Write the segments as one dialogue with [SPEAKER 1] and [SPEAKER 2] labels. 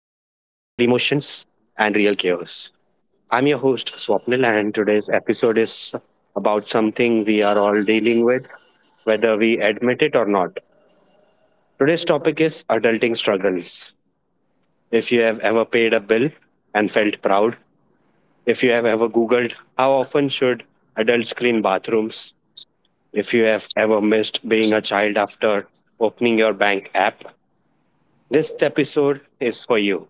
[SPEAKER 1] real emotions, and real chaos. I'm your host, Swapnil, and today's episode is about something we are all dealing with, whether we admit it or not. Today's topic is adulting struggles. If you have ever paid a bill and felt proud, if you have ever Googled how often should adults clean bathrooms, if you have ever missed being a child after opening your bank app, this episode is for you.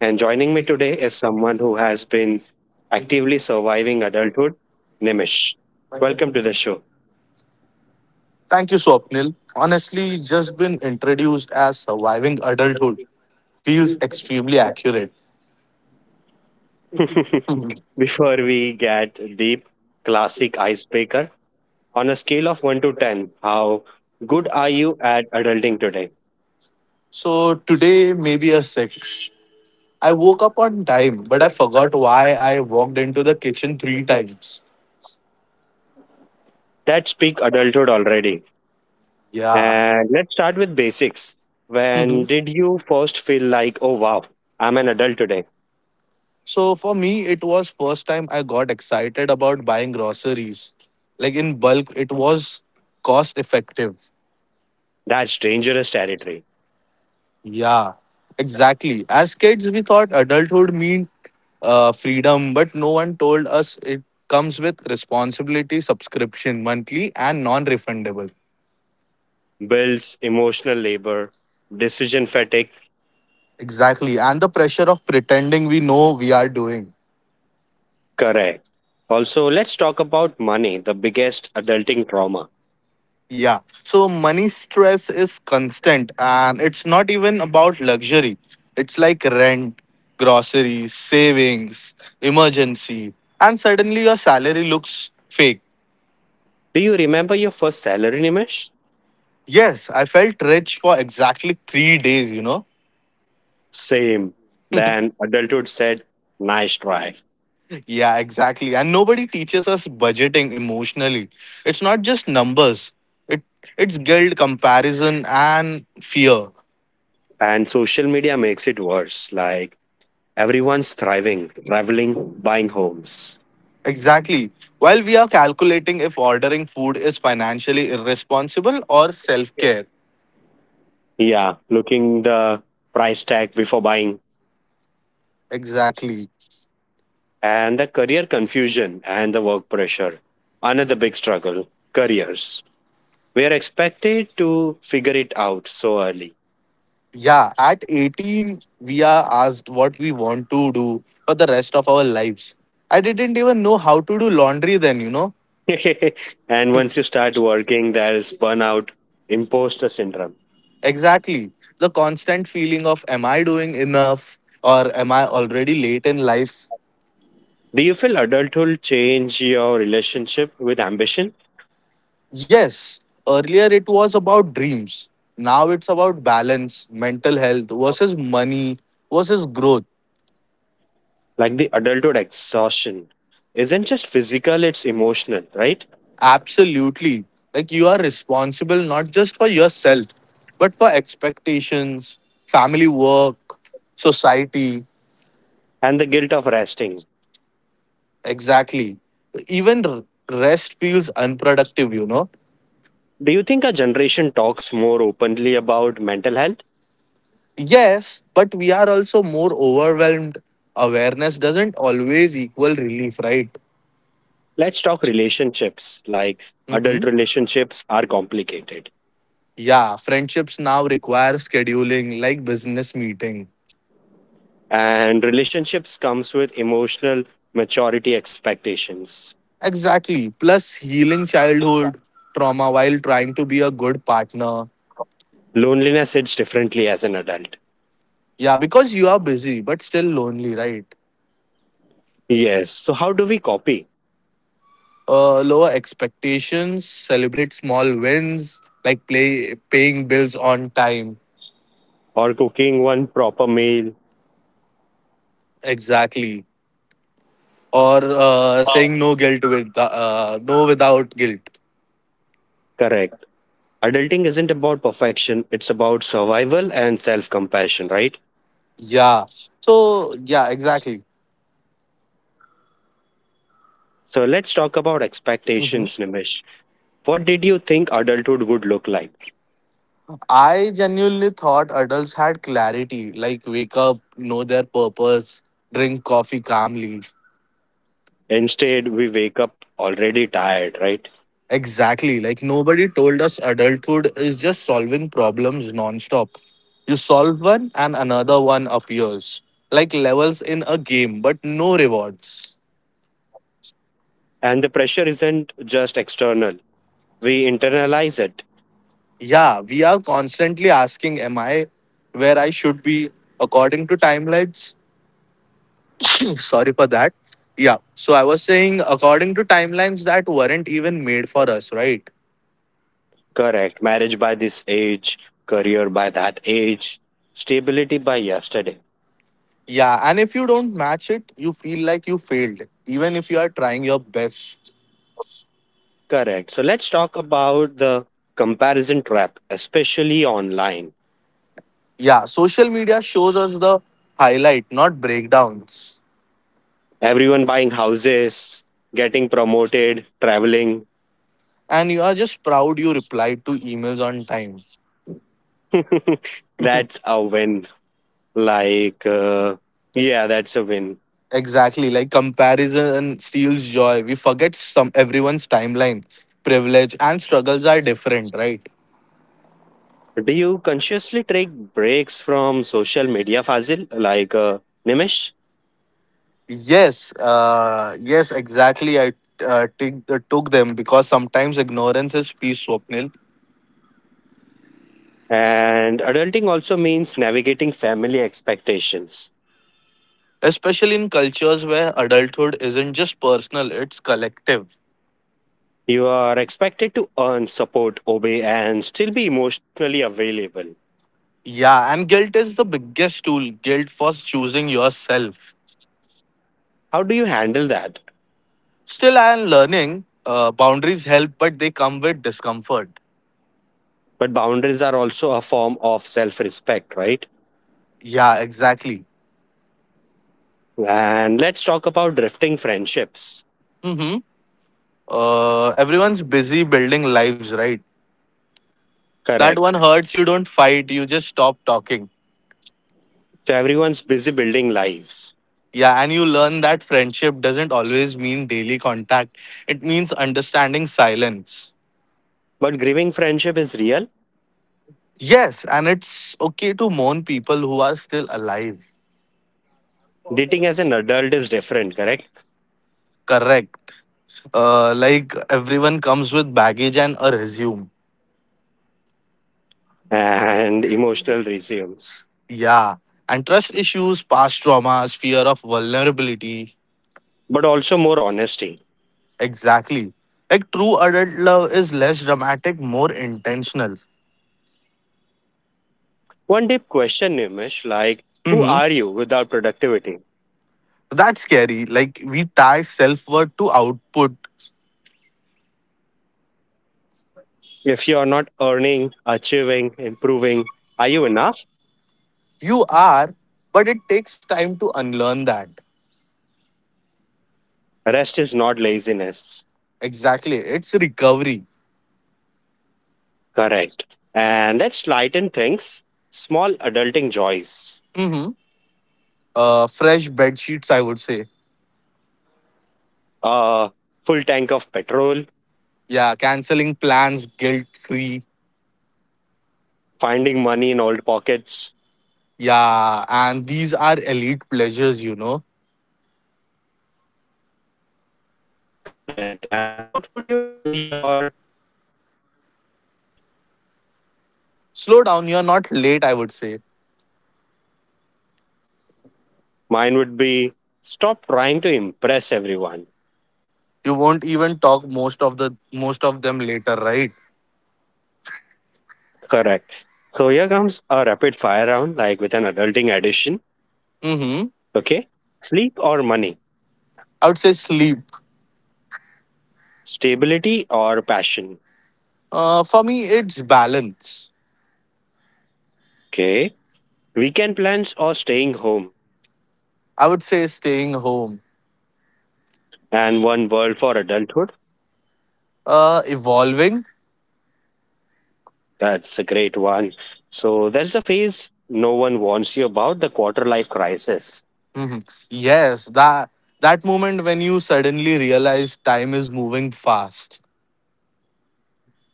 [SPEAKER 1] And joining me today is someone who has been actively surviving adulthood, Nimish. Welcome to the show.
[SPEAKER 2] Thank you, Swapnil. Honestly, just been introduced as surviving adulthood feels extremely accurate. Mhm.
[SPEAKER 1] Before we get deep, classic icebreaker, on a scale of 1 to 10, how good are you at adulting today?
[SPEAKER 2] So today, maybe a six. I woke up on time, but I forgot why I walked into the kitchen three times.
[SPEAKER 1] That speak adulthood already.
[SPEAKER 2] Yeah.
[SPEAKER 1] And let's start with basics. When
[SPEAKER 2] Mhm.
[SPEAKER 1] did you first feel like, oh, wow, I'm an adult today?
[SPEAKER 2] So for me, it was first time I got excited about buying groceries. Like in bulk, it was cost effective.
[SPEAKER 1] That's dangerous territory.
[SPEAKER 2] Yeah, exactly. As kids, we thought adulthood meant freedom, but no one told us it comes with responsibility, subscription, monthly, and non refundable.
[SPEAKER 1] Bills, emotional labor, decision fatigue.
[SPEAKER 2] Exactly. And the pressure of pretending we know we are doing.
[SPEAKER 1] Correct. Also, let's talk about money, the biggest adulting trauma.
[SPEAKER 2] Yeah. So, money stress is constant, and it's not even about luxury. It's like rent, groceries, savings, emergency, and suddenly your salary looks fake.
[SPEAKER 1] Do you remember your first salary, Nimesh?
[SPEAKER 2] Yes, I felt rich for exactly 3 days, you know?
[SPEAKER 1] Same. Then adulthood said, nice try.
[SPEAKER 2] Yeah, exactly. And nobody teaches us budgeting emotionally. It's not just numbers. It it's guilt, comparison, and fear.
[SPEAKER 1] And social media makes it worse. Like, everyone's thriving, traveling, buying homes.
[SPEAKER 2] Exactly. While we are calculating if ordering food is financially irresponsible or self-care.
[SPEAKER 1] Yeah, looking the price tag before buying,
[SPEAKER 2] Exactly.
[SPEAKER 1] and the career confusion and the work pressure. Another big struggle, careers. We are expected to figure it out so early.
[SPEAKER 2] Yeah, at 18, we are asked what we want to do for the rest of our lives. I didn't even know how to do laundry then, you know?
[SPEAKER 1] And once you start working, there is burnout, imposter syndrome.
[SPEAKER 2] Exactly. The constant feeling of, am I doing enough or am I already late in life?
[SPEAKER 1] Do you feel adulthood change your relationship with ambition?
[SPEAKER 2] Yes, earlier it was about dreams. Now it's about balance, mental health versus money versus growth.
[SPEAKER 1] Like the adulthood exhaustion isn't just physical, it's emotional, right?
[SPEAKER 2] Absolutely. Like you are responsible not just for yourself, but for expectations, family work, society.
[SPEAKER 1] And the guilt of resting.
[SPEAKER 2] Exactly. Even rest feels unproductive, you know?
[SPEAKER 1] Do you think our generation talks more openly about mental health?
[SPEAKER 2] Yes, but we are also more overwhelmed. Awareness doesn't always equal relief, right?
[SPEAKER 1] Let's talk relationships. Like, adult
[SPEAKER 2] Mm-hmm.
[SPEAKER 1] relationships are complicated,
[SPEAKER 2] Yeah, friendships now require scheduling like business meeting.
[SPEAKER 1] and relationships comes with emotional maturity expectations.
[SPEAKER 2] Exactly. Plus, healing childhood trauma while trying to be a good partner.
[SPEAKER 1] Loneliness hits differently as an adult.
[SPEAKER 2] Yeah, because you are busy but still lonely, right?
[SPEAKER 1] Yes. So how do we copy,
[SPEAKER 2] Lower expectations, celebrate small wins like play paying bills on time.
[SPEAKER 1] or cooking one proper meal?
[SPEAKER 2] Exactly. Or saying no guilt with no without guilt.
[SPEAKER 1] Correct. Adulting isn't about perfection, it's about survival and self-compassion, right?
[SPEAKER 2] Yeah. So, yeah, exactly.
[SPEAKER 1] So let's talk about
[SPEAKER 2] Mhm.
[SPEAKER 1] expectations, Nimish. What did you think adulthood would look like?
[SPEAKER 2] I genuinely thought adults had clarity, like wake up, know their purpose, drink coffee calmly.
[SPEAKER 1] Instead, we wake up already tired, right?
[SPEAKER 2] Exactly. Like nobody told us adulthood is just solving problems nonstop. You solve one and another one appears, like levels in a game, but no rewards.
[SPEAKER 1] And the pressure isn't just external, we internalize it.
[SPEAKER 2] Yeah, we are constantly asking, am I where I should be according to timelines? Sorry for that. Yeah, so I was saying, according to timelines that weren't even made for us, right?
[SPEAKER 1] Correct. Marriage by this age, career by that age, stability by yesterday.
[SPEAKER 2] Yeah, and if you don't match it, you feel like you failed, even if you are trying your best.
[SPEAKER 1] Correct. So let's talk about the comparison trap, especially online.
[SPEAKER 2] Yeah, social media shows us the highlight, not breakdowns.
[SPEAKER 1] Everyone buying houses, getting promoted, traveling.
[SPEAKER 2] And you are just proud you replied to emails on time.
[SPEAKER 1] That's a win. Like, uh, yeah, that's a win.
[SPEAKER 2] Exactly, like comparison steals joy. We forget some everyone's timeline, privilege, and struggles are different, right?
[SPEAKER 1] Do you consciously take breaks from social media, Fazil, Nimish?
[SPEAKER 2] Yes, exactly. I take, took them because sometimes ignorance is peace, Swapnil,
[SPEAKER 1] And adulting also means navigating family expectations.
[SPEAKER 2] especially in cultures where adulthood isn't just personal, it's collective.
[SPEAKER 1] You are expected to earn, support, obey, and still be emotionally available.
[SPEAKER 2] Yeah, and guilt is the biggest tool guilt for choosing yourself.
[SPEAKER 1] How do you handle that?
[SPEAKER 2] Still, I am learning. Boundaries help, but they come with discomfort.
[SPEAKER 1] But boundaries are also a form of self respect, right?
[SPEAKER 2] Yeah, exactly.
[SPEAKER 1] And let's talk about drifting friendships.
[SPEAKER 2] Everyone's busy building lives, right? That
[SPEAKER 1] Correct.
[SPEAKER 2] one hurts, you don't fight, you just stop talking.
[SPEAKER 1] So everyone's busy building lives.
[SPEAKER 2] Yeah, and you learn that friendship doesn't always mean daily contact, it means understanding silence.
[SPEAKER 1] But grieving friendship is real.
[SPEAKER 2] Yes, and it's okay to mourn people who are still alive.
[SPEAKER 1] Dating as an adult is different, correct?
[SPEAKER 2] Correct. Like everyone comes with baggage and a resume.
[SPEAKER 1] And emotional resumes,
[SPEAKER 2] Yeah, and trust issues, past traumas, fear of vulnerability.
[SPEAKER 1] but also more honesty.
[SPEAKER 2] Exactly. Like true adult love is less dramatic, more intentional.
[SPEAKER 1] One deep question, Nimish, like, who
[SPEAKER 2] Hmm.
[SPEAKER 1] are you without productivity?
[SPEAKER 2] That's scary. Like we tie self worth to output.
[SPEAKER 1] If you are not earning, achieving, improving, are you enough?
[SPEAKER 2] You are, but it takes time to unlearn that.
[SPEAKER 1] Rest is not laziness.
[SPEAKER 2] Exactly. It's recovery.
[SPEAKER 1] Correct. And let's lighten things. Small adulting joys.
[SPEAKER 2] Hmm. Fresh bed sheets, I would say.
[SPEAKER 1] A full tank of petrol,
[SPEAKER 2] Yeah, canceling plans guilt free.
[SPEAKER 1] finding money in old pockets.
[SPEAKER 2] Yeah, and these are elite pleasures, you know.
[SPEAKER 1] Correct. And what would you tell your like younger yourself?
[SPEAKER 2] Slow down. You're not late, I would say.
[SPEAKER 1] Mine would be stop trying to impress everyone.
[SPEAKER 2] You won't even talk most of them later, right?
[SPEAKER 1] Correct. So here comes a rapid fire round, like with an adulting edition.
[SPEAKER 2] Mm-hmm.
[SPEAKER 1] Okay. Sleep or money?
[SPEAKER 2] I would say sleep.
[SPEAKER 1] Stability or passion?
[SPEAKER 2] For me, it's balance.
[SPEAKER 1] Okay. Weekend plans or staying home?
[SPEAKER 2] I would say staying home,
[SPEAKER 1] And one world for adulthood?
[SPEAKER 2] evolving.
[SPEAKER 1] That's a great one. So there's a phase no one warns you about, the quarter life crisis.
[SPEAKER 2] Mhm. Yes, that moment when you suddenly realize time is moving fast.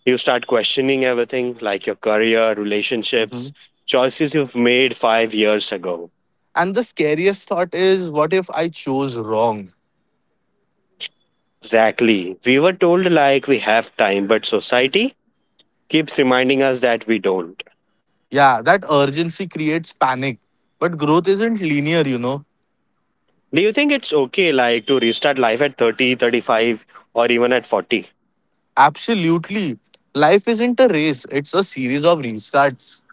[SPEAKER 1] You start questioning everything like your career,
[SPEAKER 2] Mhm.
[SPEAKER 1] relationships, choices you've made 5 years ago.
[SPEAKER 2] And the scariest thought is, what if I chose wrong?
[SPEAKER 1] Exactly. We were told like we have time, but society keeps reminding us that we don't.
[SPEAKER 2] Yeah, that urgency creates panic. But growth isn't linear, you know.
[SPEAKER 1] Do you think it's okay like to restart life at 30, 35, or even at 40?
[SPEAKER 2] Absolutely, life isn't a race; it's a series of restarts.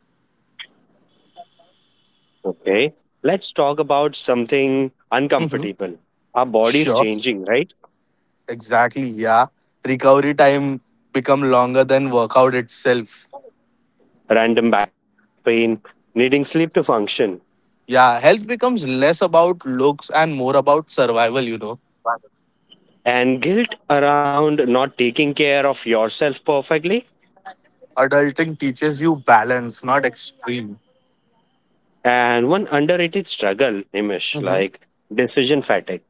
[SPEAKER 1] Okay. Let's talk about something
[SPEAKER 2] Mhm.
[SPEAKER 1] uncomfortable. Our body is
[SPEAKER 2] Sure.
[SPEAKER 1] changing, right?
[SPEAKER 2] Exactly, yeah. Recovery time become longer than workout itself.
[SPEAKER 1] Random back pain, needing sleep to function,
[SPEAKER 2] Yeah, health becomes less about looks and more about survival, you know.
[SPEAKER 1] and guilt around not taking care of yourself perfectly.
[SPEAKER 2] Adulting teaches you balance, not extreme.
[SPEAKER 1] And one underrated struggle, Nimish,
[SPEAKER 2] Mhm.
[SPEAKER 1] like decision fatigue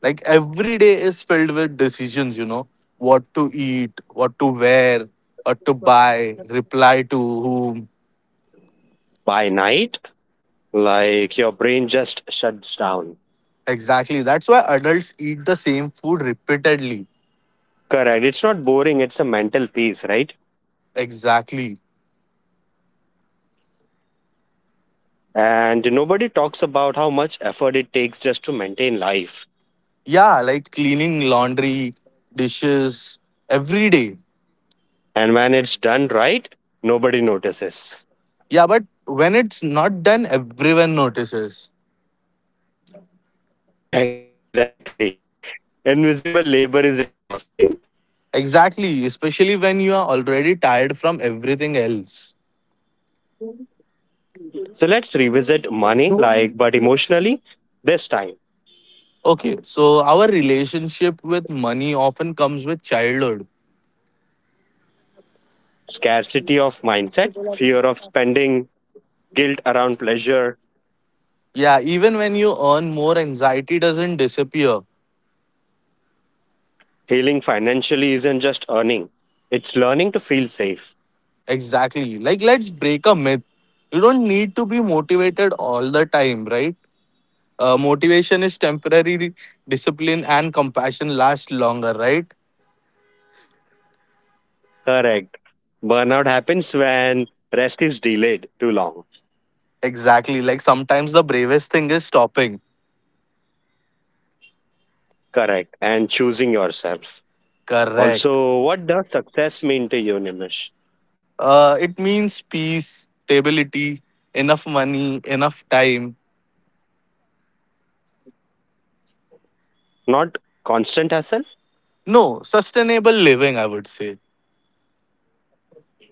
[SPEAKER 2] Like every day is filled with decisions, you know, what to eat, what to wear, what to buy, reply to whom.
[SPEAKER 1] by night. Like your brain just shuts down.
[SPEAKER 2] Exactly. That's why adults eat the same food repeatedly.
[SPEAKER 1] Correct. It's not boring, it's a mental peace, right?
[SPEAKER 2] Exactly.
[SPEAKER 1] And nobody talks about how much effort it takes just to maintain life.
[SPEAKER 2] Yeah, like cleaning laundry, dishes every day.
[SPEAKER 1] And when it's done right, nobody notices.
[SPEAKER 2] Yeah, but when it's not done, everyone notices.
[SPEAKER 1] Exactly. Invisible labor is exhausting.
[SPEAKER 2] Exactly, especially when you are already tired from everything else.
[SPEAKER 1] So let's revisit money, like, but emotionally, this time.
[SPEAKER 2] Okay, so our relationship with money often comes with childhood.
[SPEAKER 1] Scarcity of mindset, fear of spending, guilt around pleasure,
[SPEAKER 2] Yeah, even when you earn more, anxiety doesn't disappear.
[SPEAKER 1] healing financially isn't just earning, it's learning to feel safe.
[SPEAKER 2] Exactly. Like, let's break a myth. You don't need to be motivated all the time, right? Motivation is temporary, discipline and compassion last longer, right?
[SPEAKER 1] Correct. Burnout happens when rest is delayed too long.
[SPEAKER 2] Exactly. Like sometimes the bravest thing is stopping.
[SPEAKER 1] Correct. And choosing yourself.
[SPEAKER 2] Correct.
[SPEAKER 1] Also, what does success mean to you, Nimish?
[SPEAKER 2] It means peace, stability, enough money, enough time.
[SPEAKER 1] Not constant hustle.
[SPEAKER 2] No, sustainable living, I would say.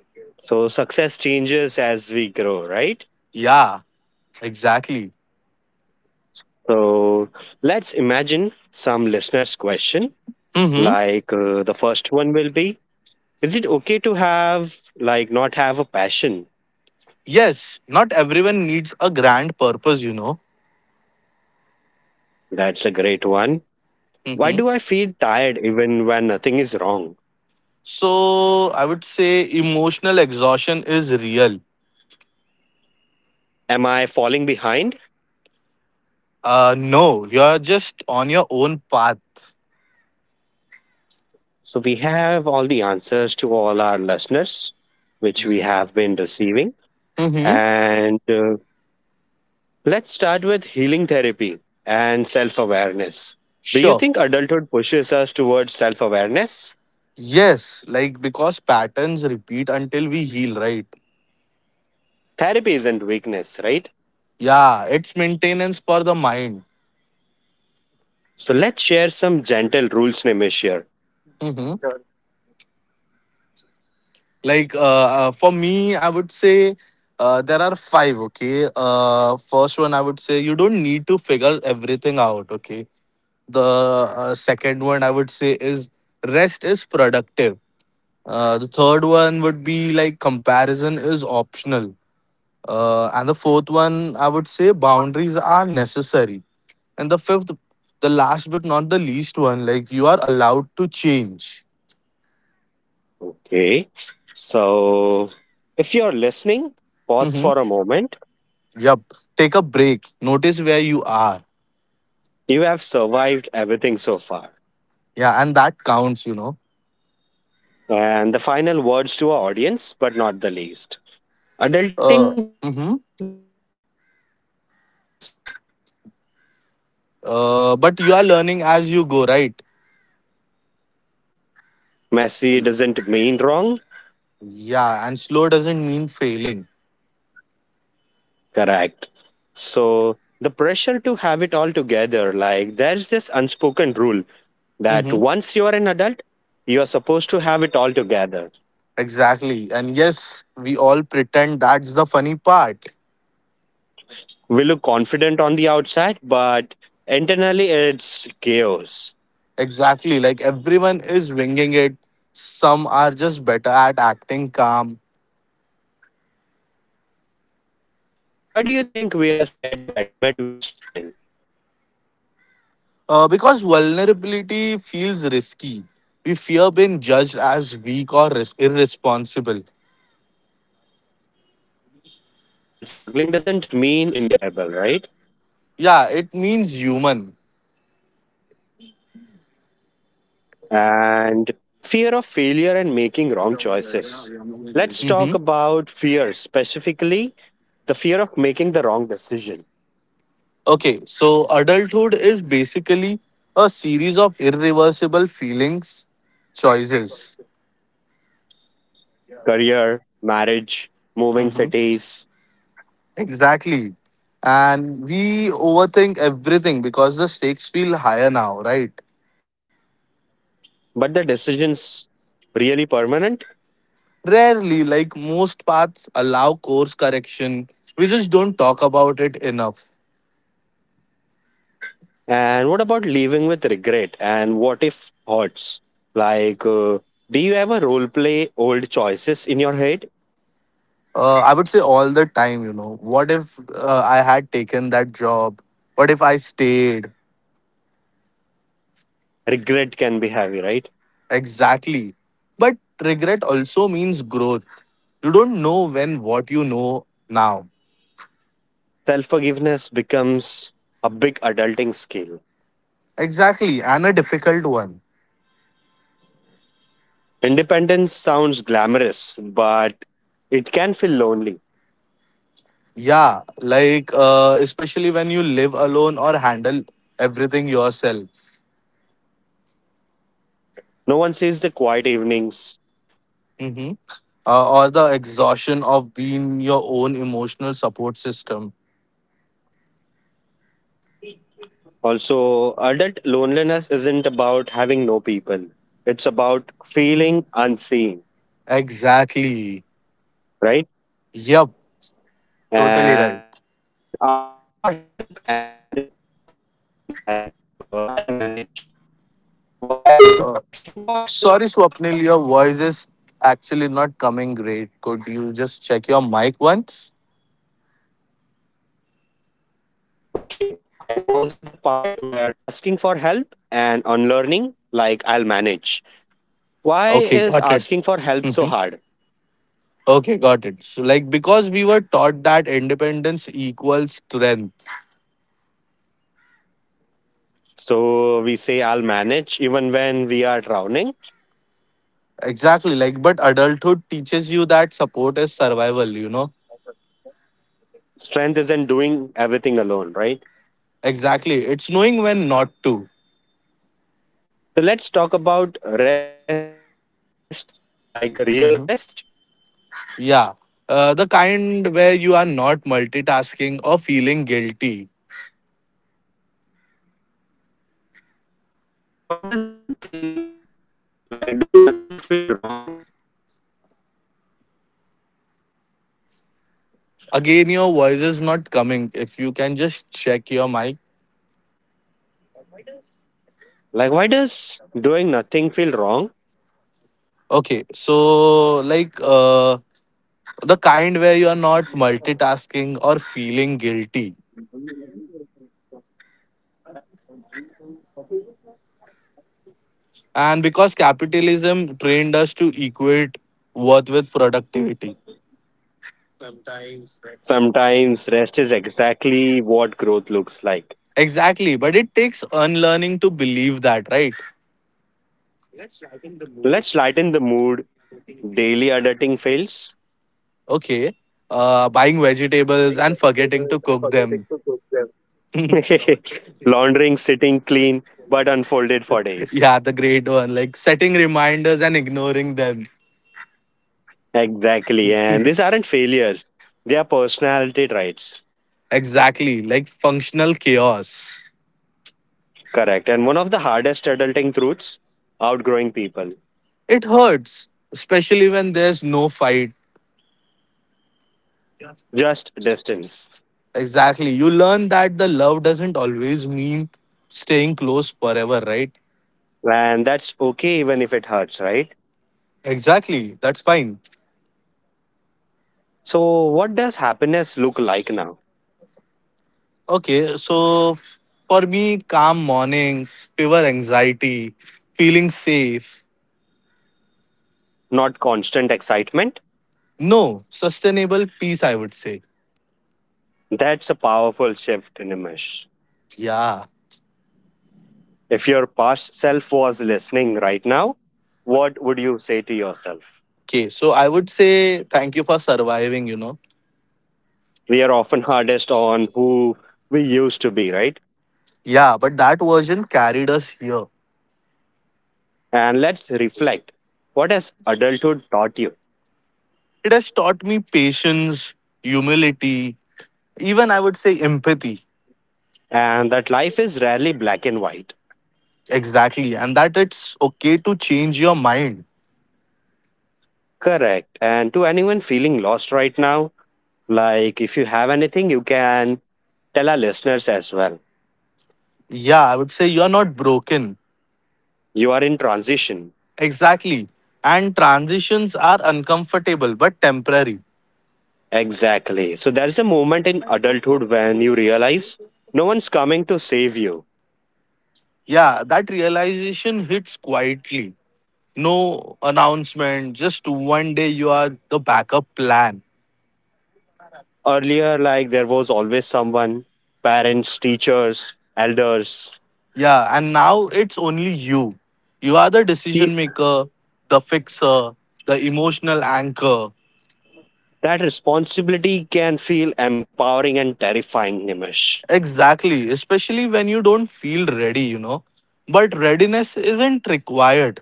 [SPEAKER 1] So, success changes as we grow, right?
[SPEAKER 2] Yeah, exactly.
[SPEAKER 1] So, let's imagine some listeners' question.
[SPEAKER 2] Mm-hmm.
[SPEAKER 1] The first one will be, is it okay to have, like, not have a passion?
[SPEAKER 2] Yes, not everyone needs a grand purpose, you know.
[SPEAKER 1] That's a great one. Why
[SPEAKER 2] Mm-hmm.
[SPEAKER 1] do I feel tired even when nothing is wrong?
[SPEAKER 2] So I would say emotional exhaustion is real.
[SPEAKER 1] Am I falling behind?
[SPEAKER 2] No, you're just on your own path.
[SPEAKER 1] So we have all the answers to all our listeners, which we have been receiving.
[SPEAKER 2] Mm-hmm.
[SPEAKER 1] And let's start with healing therapy and self awareness. Do you
[SPEAKER 2] Sure.
[SPEAKER 1] think adulthood pushes us towards self awareness?
[SPEAKER 2] Yes, like because patterns repeat until we heal, right?
[SPEAKER 1] Therapy isn't weakness, right?
[SPEAKER 2] Yeah, it's maintenance for the mind.
[SPEAKER 1] So let's share some gentle rules, Nimishir.
[SPEAKER 2] Mm-hmm. Like for me, I would say there are five. Okay. First one, I would say you don't need to figure everything out. Okay. The second one, I would say is rest is productive. The third one would be like comparison is optional. And the fourth one, I would say boundaries are necessary. And the fifth, the last but not the least one, like you are allowed to change.
[SPEAKER 1] Okay. So if you're listening, pause
[SPEAKER 2] Mm-hmm.
[SPEAKER 1] for a moment.
[SPEAKER 2] Yep. Take a break. Notice where you are.
[SPEAKER 1] You have survived everything so far.
[SPEAKER 2] Yeah, and that counts, you know.
[SPEAKER 1] And the final words to our audience, but not the least. Adulting
[SPEAKER 2] Uh,
[SPEAKER 1] doesn't comes
[SPEAKER 2] mm-hmm.
[SPEAKER 1] with instructions.
[SPEAKER 2] But you are learning as you go, right?
[SPEAKER 1] Messy doesn't mean wrong.
[SPEAKER 2] Yeah, and slow doesn't mean failing.
[SPEAKER 1] Correct. So the pressure to have it all together, like there's this unspoken rule that
[SPEAKER 2] Mm-hmm.
[SPEAKER 1] once you are an adult, you are supposed to have it all together.
[SPEAKER 2] Exactly. And yes, we all pretend that's the funny part.
[SPEAKER 1] We look confident on the outside, but internally it's chaos.
[SPEAKER 2] Exactly. Like everyone is winging it. Some are just better at acting calm.
[SPEAKER 1] Why do you think we are scared to admit we are struggling?
[SPEAKER 2] Because vulnerability feels risky. We fear being judged as weak or irresponsible.
[SPEAKER 1] But struggling doesn't mean incapable, right?
[SPEAKER 2] Yeah, it means human.
[SPEAKER 1] And fear of failure and making wrong choices. Let's talk about
[SPEAKER 2] Hmm.
[SPEAKER 1] fear, specifically the fear of making the wrong decision.
[SPEAKER 2] Okay, so adulthood is basically a series of irreversible feelings, choices.
[SPEAKER 1] Career, marriage, moving
[SPEAKER 2] Mm-hmm.
[SPEAKER 1] cities,
[SPEAKER 2] Exactly. And we overthink everything because the stakes feel higher now, right?
[SPEAKER 1] but the decisions really permanent?
[SPEAKER 2] Rarely, like most paths, allow course correction. We just don't talk about it enough.
[SPEAKER 1] And what about leaving with regret and what if thoughts? Like, uh, do you ever role play old choices in your head?
[SPEAKER 2] I would say all the time, you know, what if I had taken that job? What if I stayed?
[SPEAKER 1] Regret can be heavy, right?
[SPEAKER 2] Exactly. But regret also means growth. You don't know when what you know now.
[SPEAKER 1] Self forgiveness becomes a big adulting skill.
[SPEAKER 2] Exactly. And a difficult one.
[SPEAKER 1] Independence sounds glamorous, but it can feel lonely.
[SPEAKER 2] Yeah, like especially when you live alone or handle everything yourself.
[SPEAKER 1] No one sees the quiet evenings.
[SPEAKER 2] Hmm. Or the exhaustion of being your own emotional support system.
[SPEAKER 1] Also, adult loneliness isn't about having no people, it's about feeling unseen,
[SPEAKER 2] Exactly.
[SPEAKER 1] right?
[SPEAKER 2] Yep, totally
[SPEAKER 1] And
[SPEAKER 2] right.
[SPEAKER 1] asking for help and unlearning, like, I'll manage. Why is asking for help
[SPEAKER 2] Uh,
[SPEAKER 1] so hard?
[SPEAKER 2] sorry, Swapnil, your voice is actually not coming great. Could you just check your mic once?
[SPEAKER 1] Okay, I was at the part where asking for help and unlearning, like, I'll manage. Why is asking
[SPEAKER 2] Okay,
[SPEAKER 1] for
[SPEAKER 2] got
[SPEAKER 1] help
[SPEAKER 2] it.
[SPEAKER 1] so hard?
[SPEAKER 2] Mhm. Okay, got it. So, like, because we were taught that independence equals strength.
[SPEAKER 1] So we say, I'll manage even when we are drowning.
[SPEAKER 2] Exactly. Like, but adulthood teaches you that support is survival, you know?
[SPEAKER 1] Strength isn't doing everything alone, right?
[SPEAKER 2] Exactly. It's knowing when not to.
[SPEAKER 1] So let's talk about rest, like the real rest.
[SPEAKER 2] Mhm. Yeah. The kind where you are not multitasking or feeling guilty.
[SPEAKER 1] So, why does nothing, like doing nothing, feel wrong?
[SPEAKER 2] Again, your voice is not coming. If you can just check your mic.
[SPEAKER 1] Like, why does doing nothing feel wrong?
[SPEAKER 2] Okay. So, like, the kind where you are not multitasking or feeling guilty. And because capitalism trained us to equate worth with productivity.
[SPEAKER 1] Sometimes rest is exactly what growth looks like.
[SPEAKER 2] Exactly, but it takes unlearning to believe that, right?
[SPEAKER 1] Let's lighten the mood. Daily adulting fails.
[SPEAKER 2] Okay, buying
[SPEAKER 1] I
[SPEAKER 2] vegetables and forgetting
[SPEAKER 1] vegetables
[SPEAKER 2] to
[SPEAKER 1] and
[SPEAKER 2] cook
[SPEAKER 1] forgetting
[SPEAKER 2] them.
[SPEAKER 1] to cook them. Laundering, sitting clean, but unfolded for
[SPEAKER 2] Yeah,
[SPEAKER 1] days.
[SPEAKER 2] the great one. Like setting reminders and ignoring them.
[SPEAKER 1] Exactly. And these aren't failures, they are personality traits.
[SPEAKER 2] Exactly, like functional chaos.
[SPEAKER 1] Correct. And one of the hardest adulting truths, outgrowing people,
[SPEAKER 2] It hurts, especially when there's no fight.
[SPEAKER 1] just distance.
[SPEAKER 2] Exactly, you learn that the love doesn't always mean staying close forever, right?
[SPEAKER 1] And that's okay even if it hurts, right?
[SPEAKER 2] Exactly, that's fine.
[SPEAKER 1] So, what does happiness look like now?
[SPEAKER 2] Okay, so for me, calm mornings, fever anxiety, feeling safe.
[SPEAKER 1] Not constant excitement.
[SPEAKER 2] No, sustainable peace, I would say.
[SPEAKER 1] That's a powerful shift in a.
[SPEAKER 2] Yeah.
[SPEAKER 1] If your past self was listening right now, what would you say to yourself?
[SPEAKER 2] Okay, so I would say thank you for surviving, you know.
[SPEAKER 1] We are often hardest on who we used to be, right?
[SPEAKER 2] Yeah, but that version carried us here.
[SPEAKER 1] And let's reflect. What has adulthood taught you?
[SPEAKER 2] It has taught me patience, humility, even I would say empathy.
[SPEAKER 1] And that life is rarely black and white.
[SPEAKER 2] Exactly, and that it's okay to change your mind.
[SPEAKER 1] Correct. And to anyone feeling lost right now, like if you have anything, you can tell our listeners as well.
[SPEAKER 2] Yeah, I would say you are not broken.
[SPEAKER 1] You are in transition.
[SPEAKER 2] Exactly. And transitions are uncomfortable but temporary.
[SPEAKER 1] Exactly. So there is a moment in adulthood when you realize no one's coming to save you.
[SPEAKER 2] Yeah, that realization hits quietly. No announcement, just one day you are the backup plan.
[SPEAKER 1] Earlier, like there was always someone, parents, teachers, elders.
[SPEAKER 2] Yeah, and now it's only you. You are the
[SPEAKER 1] He-
[SPEAKER 2] decision maker, the fixer, the emotional anchor.
[SPEAKER 1] that responsibility can feel empowering and terrifying, Nimish.
[SPEAKER 2] Exactly, especially when you don't feel ready, you know. But readiness isn't required.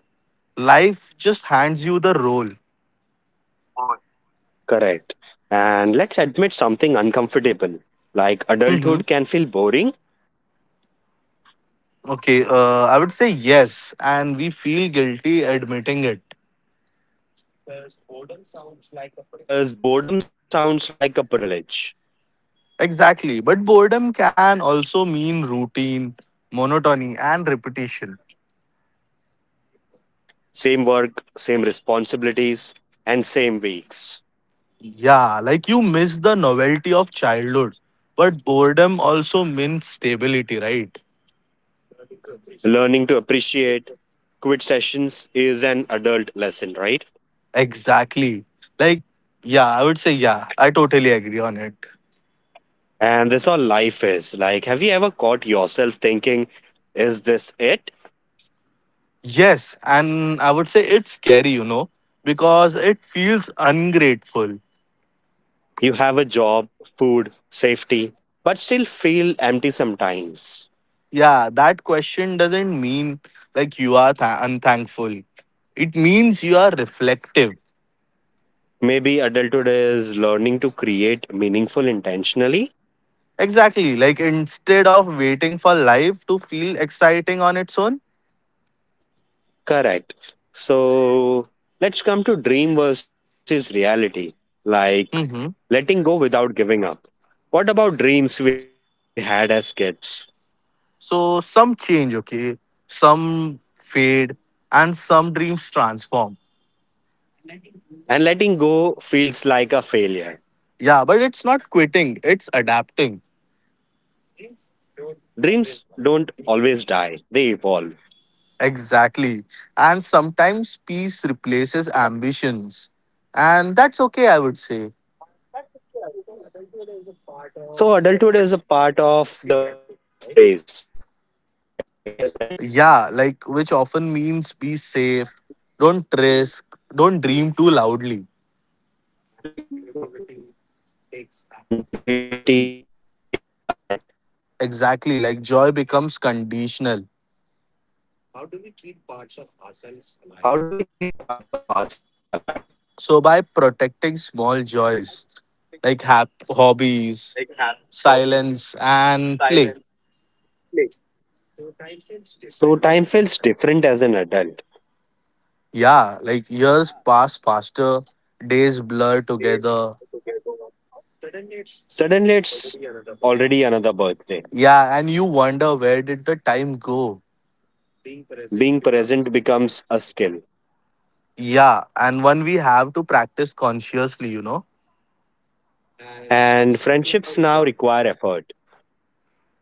[SPEAKER 2] Life just hands you the role.
[SPEAKER 1] Correct. And let's admit something uncomfortable, like adulthood can feel boring.
[SPEAKER 2] Okay, I would say yes, and we feel guilty admitting it.
[SPEAKER 1] Because boredom sounds like a privilege.
[SPEAKER 2] Exactly, but boredom can also mean routine, monotony, and repetition.
[SPEAKER 1] Same work, same responsibilities, and same weeks.
[SPEAKER 2] Yeah, like you miss the novelty of childhood, but boredom also means stability, right?
[SPEAKER 1] Learning to appreciate quit sessions is an adult lesson, right?
[SPEAKER 2] Exactly. Like, yeah, I would say, yeah, I totally agree on it.
[SPEAKER 1] And that's how life is. Like, have you ever caught yourself thinking, is this it?
[SPEAKER 2] Yes, and I would say it's scary, you know, because it feels ungrateful.
[SPEAKER 1] You have a job, food, safety, but still feel empty sometimes.
[SPEAKER 2] Yeah, that question doesn't mean like you are unthankful, it means you are reflective.
[SPEAKER 1] Maybe adulthood is learning to create meaningful intentionally.
[SPEAKER 2] Exactly, like instead of waiting for life to feel exciting on its own.
[SPEAKER 1] Correct. So let's come to dream versus reality. Like,
[SPEAKER 2] Hmm.
[SPEAKER 1] letting go without giving up. What about dreams we had as kids?
[SPEAKER 2] So some change, okay, some fade, and some dreams transform.
[SPEAKER 1] And letting go feels like a failure.
[SPEAKER 2] Yeah, but it's not quitting, it's adapting.
[SPEAKER 1] Dreams don't always die, they evolve.
[SPEAKER 2] Exactly, and sometimes peace replaces ambitions, and that's okay, I would say.
[SPEAKER 1] So adulthood is a part of the phrase. Be practical, right?
[SPEAKER 2] Yeah, like which often means be safe, don't risk, don't dream too loudly.
[SPEAKER 1] And creativity takes a hit.
[SPEAKER 2] Exactly, like joy becomes conditional.
[SPEAKER 1] How do we keep parts of ourselves alive?
[SPEAKER 2] So by protecting small joys like hobbies, silence, and play.
[SPEAKER 1] So time feels different as an adult.
[SPEAKER 2] Yeah, like years pass faster, days blur together.
[SPEAKER 1] Suddenly it's already another birthday.
[SPEAKER 2] Yeah, and you wonder where did the time go?
[SPEAKER 1] Being present becomes a skill.
[SPEAKER 2] Yeah, and one we have to practice consciously, you know.
[SPEAKER 1] And friendships now require effort.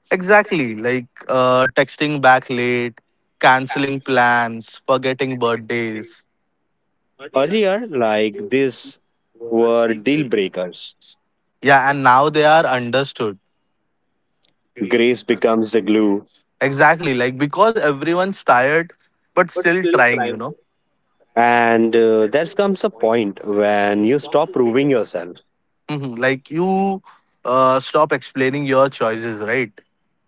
[SPEAKER 2] Exactly, like texting back late, canceling plans, forgetting birthdays.
[SPEAKER 1] Earlier, like these were deal breakers.
[SPEAKER 2] Yeah, and now they are understood.
[SPEAKER 1] Grace becomes the glue.
[SPEAKER 2] Exactly, like because everyone's tired but
[SPEAKER 1] But
[SPEAKER 2] still
[SPEAKER 1] still
[SPEAKER 2] trying, you
[SPEAKER 1] trying.
[SPEAKER 2] know?
[SPEAKER 1] And there comes a point when you stop proving yourself.
[SPEAKER 2] Mhm. Like you stop explaining your choices, right?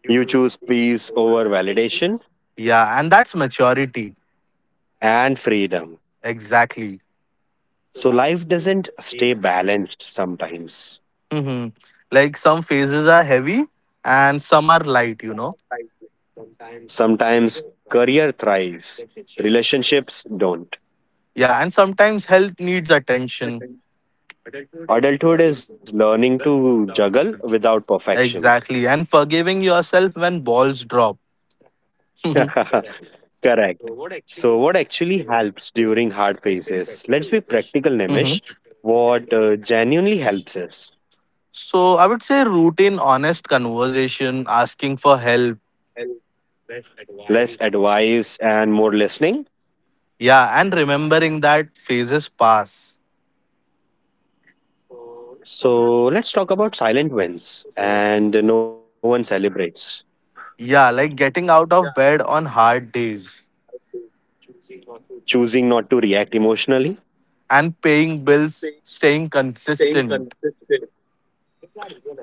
[SPEAKER 1] You choose peace over validation
[SPEAKER 2] Yeah, and that's maturity.
[SPEAKER 1] and freedom.
[SPEAKER 2] Exactly.
[SPEAKER 1] So life doesn't stay balanced sometimes.
[SPEAKER 2] Hmm. Like some phases are heavy and some are light, you know?
[SPEAKER 1] Sometimes career thrives, relationships don't.
[SPEAKER 2] Yeah, and sometimes health needs attention.
[SPEAKER 1] Adulthood is learning to juggle without perfection.
[SPEAKER 2] Exactly. And forgiving yourself when balls drop.
[SPEAKER 1] Correct. So, what actually helps during hard phases? Let's be practical,
[SPEAKER 2] Mhm.
[SPEAKER 1] Nimish. What genuinely helps is
[SPEAKER 2] So I would say routine, honest conversation, asking for help.
[SPEAKER 1] less advice and more listening.
[SPEAKER 2] Yeah, and remembering that phases pass.
[SPEAKER 1] So, let's talk about silent wins and no one celebrates.
[SPEAKER 2] Yeah, like getting out of bed on hard days
[SPEAKER 1] Choosing not to react emotionally.
[SPEAKER 2] and paying bills, staying consistent.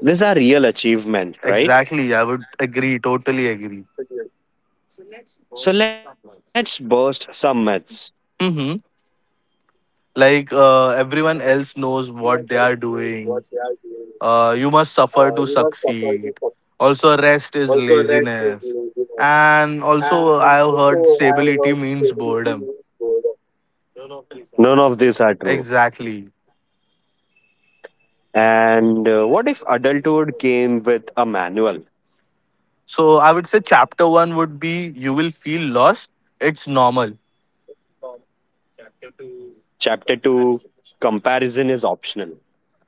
[SPEAKER 1] These are real achievements, right?
[SPEAKER 2] Exactly. I would agree. Totally agree.
[SPEAKER 1] So, let's burst some myths.
[SPEAKER 2] Mm-hmm. Like everyone else knows what they are doing. You must suffer to succeed. Also, rest is laziness. And also, I have heard stability means boredom.
[SPEAKER 1] None of these are true.
[SPEAKER 2] Exactly.
[SPEAKER 1] And what if adulthood came with a manual?
[SPEAKER 2] So, I would say chapter one would be you will feel lost. It's normal.
[SPEAKER 1] Chapter 2, comparison is optional.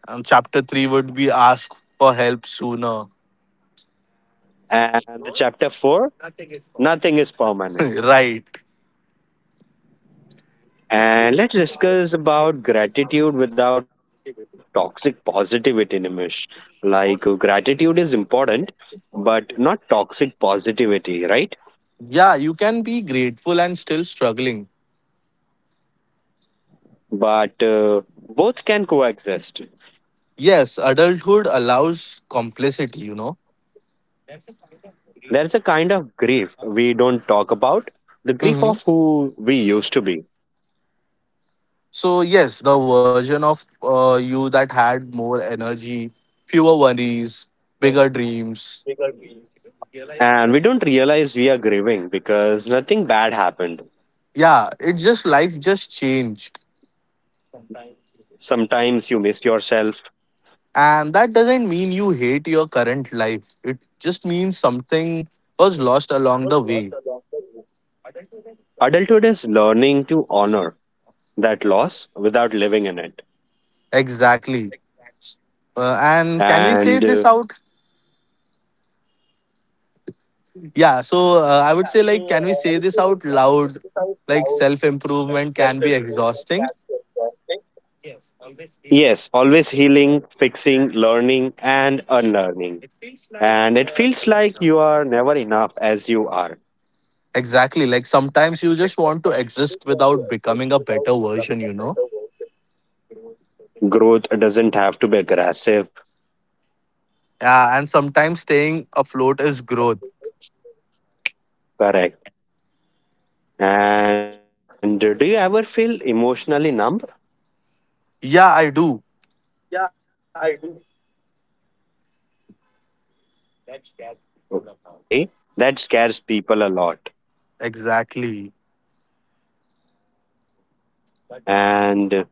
[SPEAKER 2] And chapter three would be ask for help sooner.
[SPEAKER 1] And the chapter 4, nothing is permanent.
[SPEAKER 2] Right.
[SPEAKER 1] And let's discuss about gratitude without toxic positivity, Nimish. Gratitude is important, but not toxic positivity, right?
[SPEAKER 2] Yeah, you can be grateful and still struggling.
[SPEAKER 1] But both can coexist.
[SPEAKER 2] Yes, adulthood allows complicity, you know.
[SPEAKER 1] There's a kind of grief we don't talk about, the grief
[SPEAKER 2] Mm-hmm.
[SPEAKER 1] of who we used to be.
[SPEAKER 2] So yes, the version of you that had more energy, fewer worries, bigger dreams.
[SPEAKER 1] And we don't realize we are grieving because nothing bad happened.
[SPEAKER 2] Yeah, it's just life just changed.
[SPEAKER 1] Sometimes you miss yourself.
[SPEAKER 2] And that doesn't mean you hate your current life. It just means something was lost along the way.
[SPEAKER 1] Adulthood is learning to honor that loss without living in it.
[SPEAKER 2] Exactly. And can we say
[SPEAKER 1] And
[SPEAKER 2] this out? Yeah, so I would say like can we say this out loud? Like self improvement can be exhausting.
[SPEAKER 1] yes, always healing, fixing, learning, and unlearning. And it feels like you are never enough as you are.
[SPEAKER 2] Exactly. Like sometimes you just want to exist without becoming a better version, you know?
[SPEAKER 1] Growth doesn't have to be aggressive.
[SPEAKER 2] Yeah. And sometimes staying afloat is growth.
[SPEAKER 1] Correct. And do you ever feel emotionally numb?
[SPEAKER 2] Yeah, I do.
[SPEAKER 1] Yeah, I do. Okay. That scares people a lot.
[SPEAKER 2] Exactly.
[SPEAKER 1] And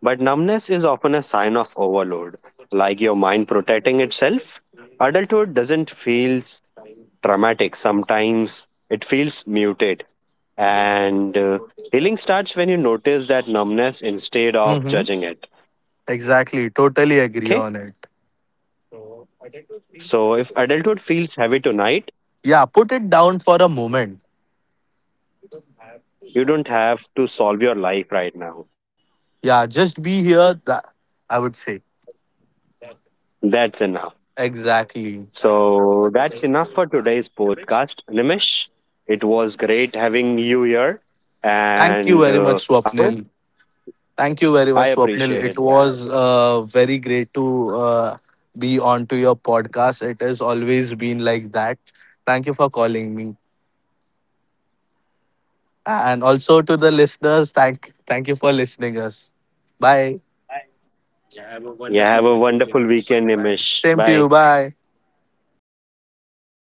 [SPEAKER 1] But numbness is often a sign of overload, like your mind protecting itself. Adulthood doesn't feel traumatic, sometimes it feels muted. And healing starts when you notice that numbness instead of
[SPEAKER 2] Mm-hmm.
[SPEAKER 1] judging it.
[SPEAKER 2] Exactly. Totally agree
[SPEAKER 1] Okay?
[SPEAKER 2] on it.
[SPEAKER 1] So if adulthood feels heavy tonight,
[SPEAKER 2] Yeah. Put it down for a moment.
[SPEAKER 1] you don't have to solve your life right now.
[SPEAKER 2] Yeah. Just be here. That I would say.
[SPEAKER 1] That's enough.
[SPEAKER 2] Exactly.
[SPEAKER 1] So that's enough for today's podcast. Nimish, it was great having you here.
[SPEAKER 2] Thank you
[SPEAKER 1] And
[SPEAKER 2] very much,
[SPEAKER 1] I hope.
[SPEAKER 2] Swapnil. Thank you very
[SPEAKER 1] I
[SPEAKER 2] much, Swapnil. It
[SPEAKER 1] appreciate that.
[SPEAKER 2] was very great to be on to your podcast. It has always been like that. Thank you for calling me, and also to the listeners. Thank you for listening us. Bye.
[SPEAKER 1] Yeah, have a wonderful weekend, Nimish.
[SPEAKER 2] Same to
[SPEAKER 1] Bye.
[SPEAKER 2] you. Bye.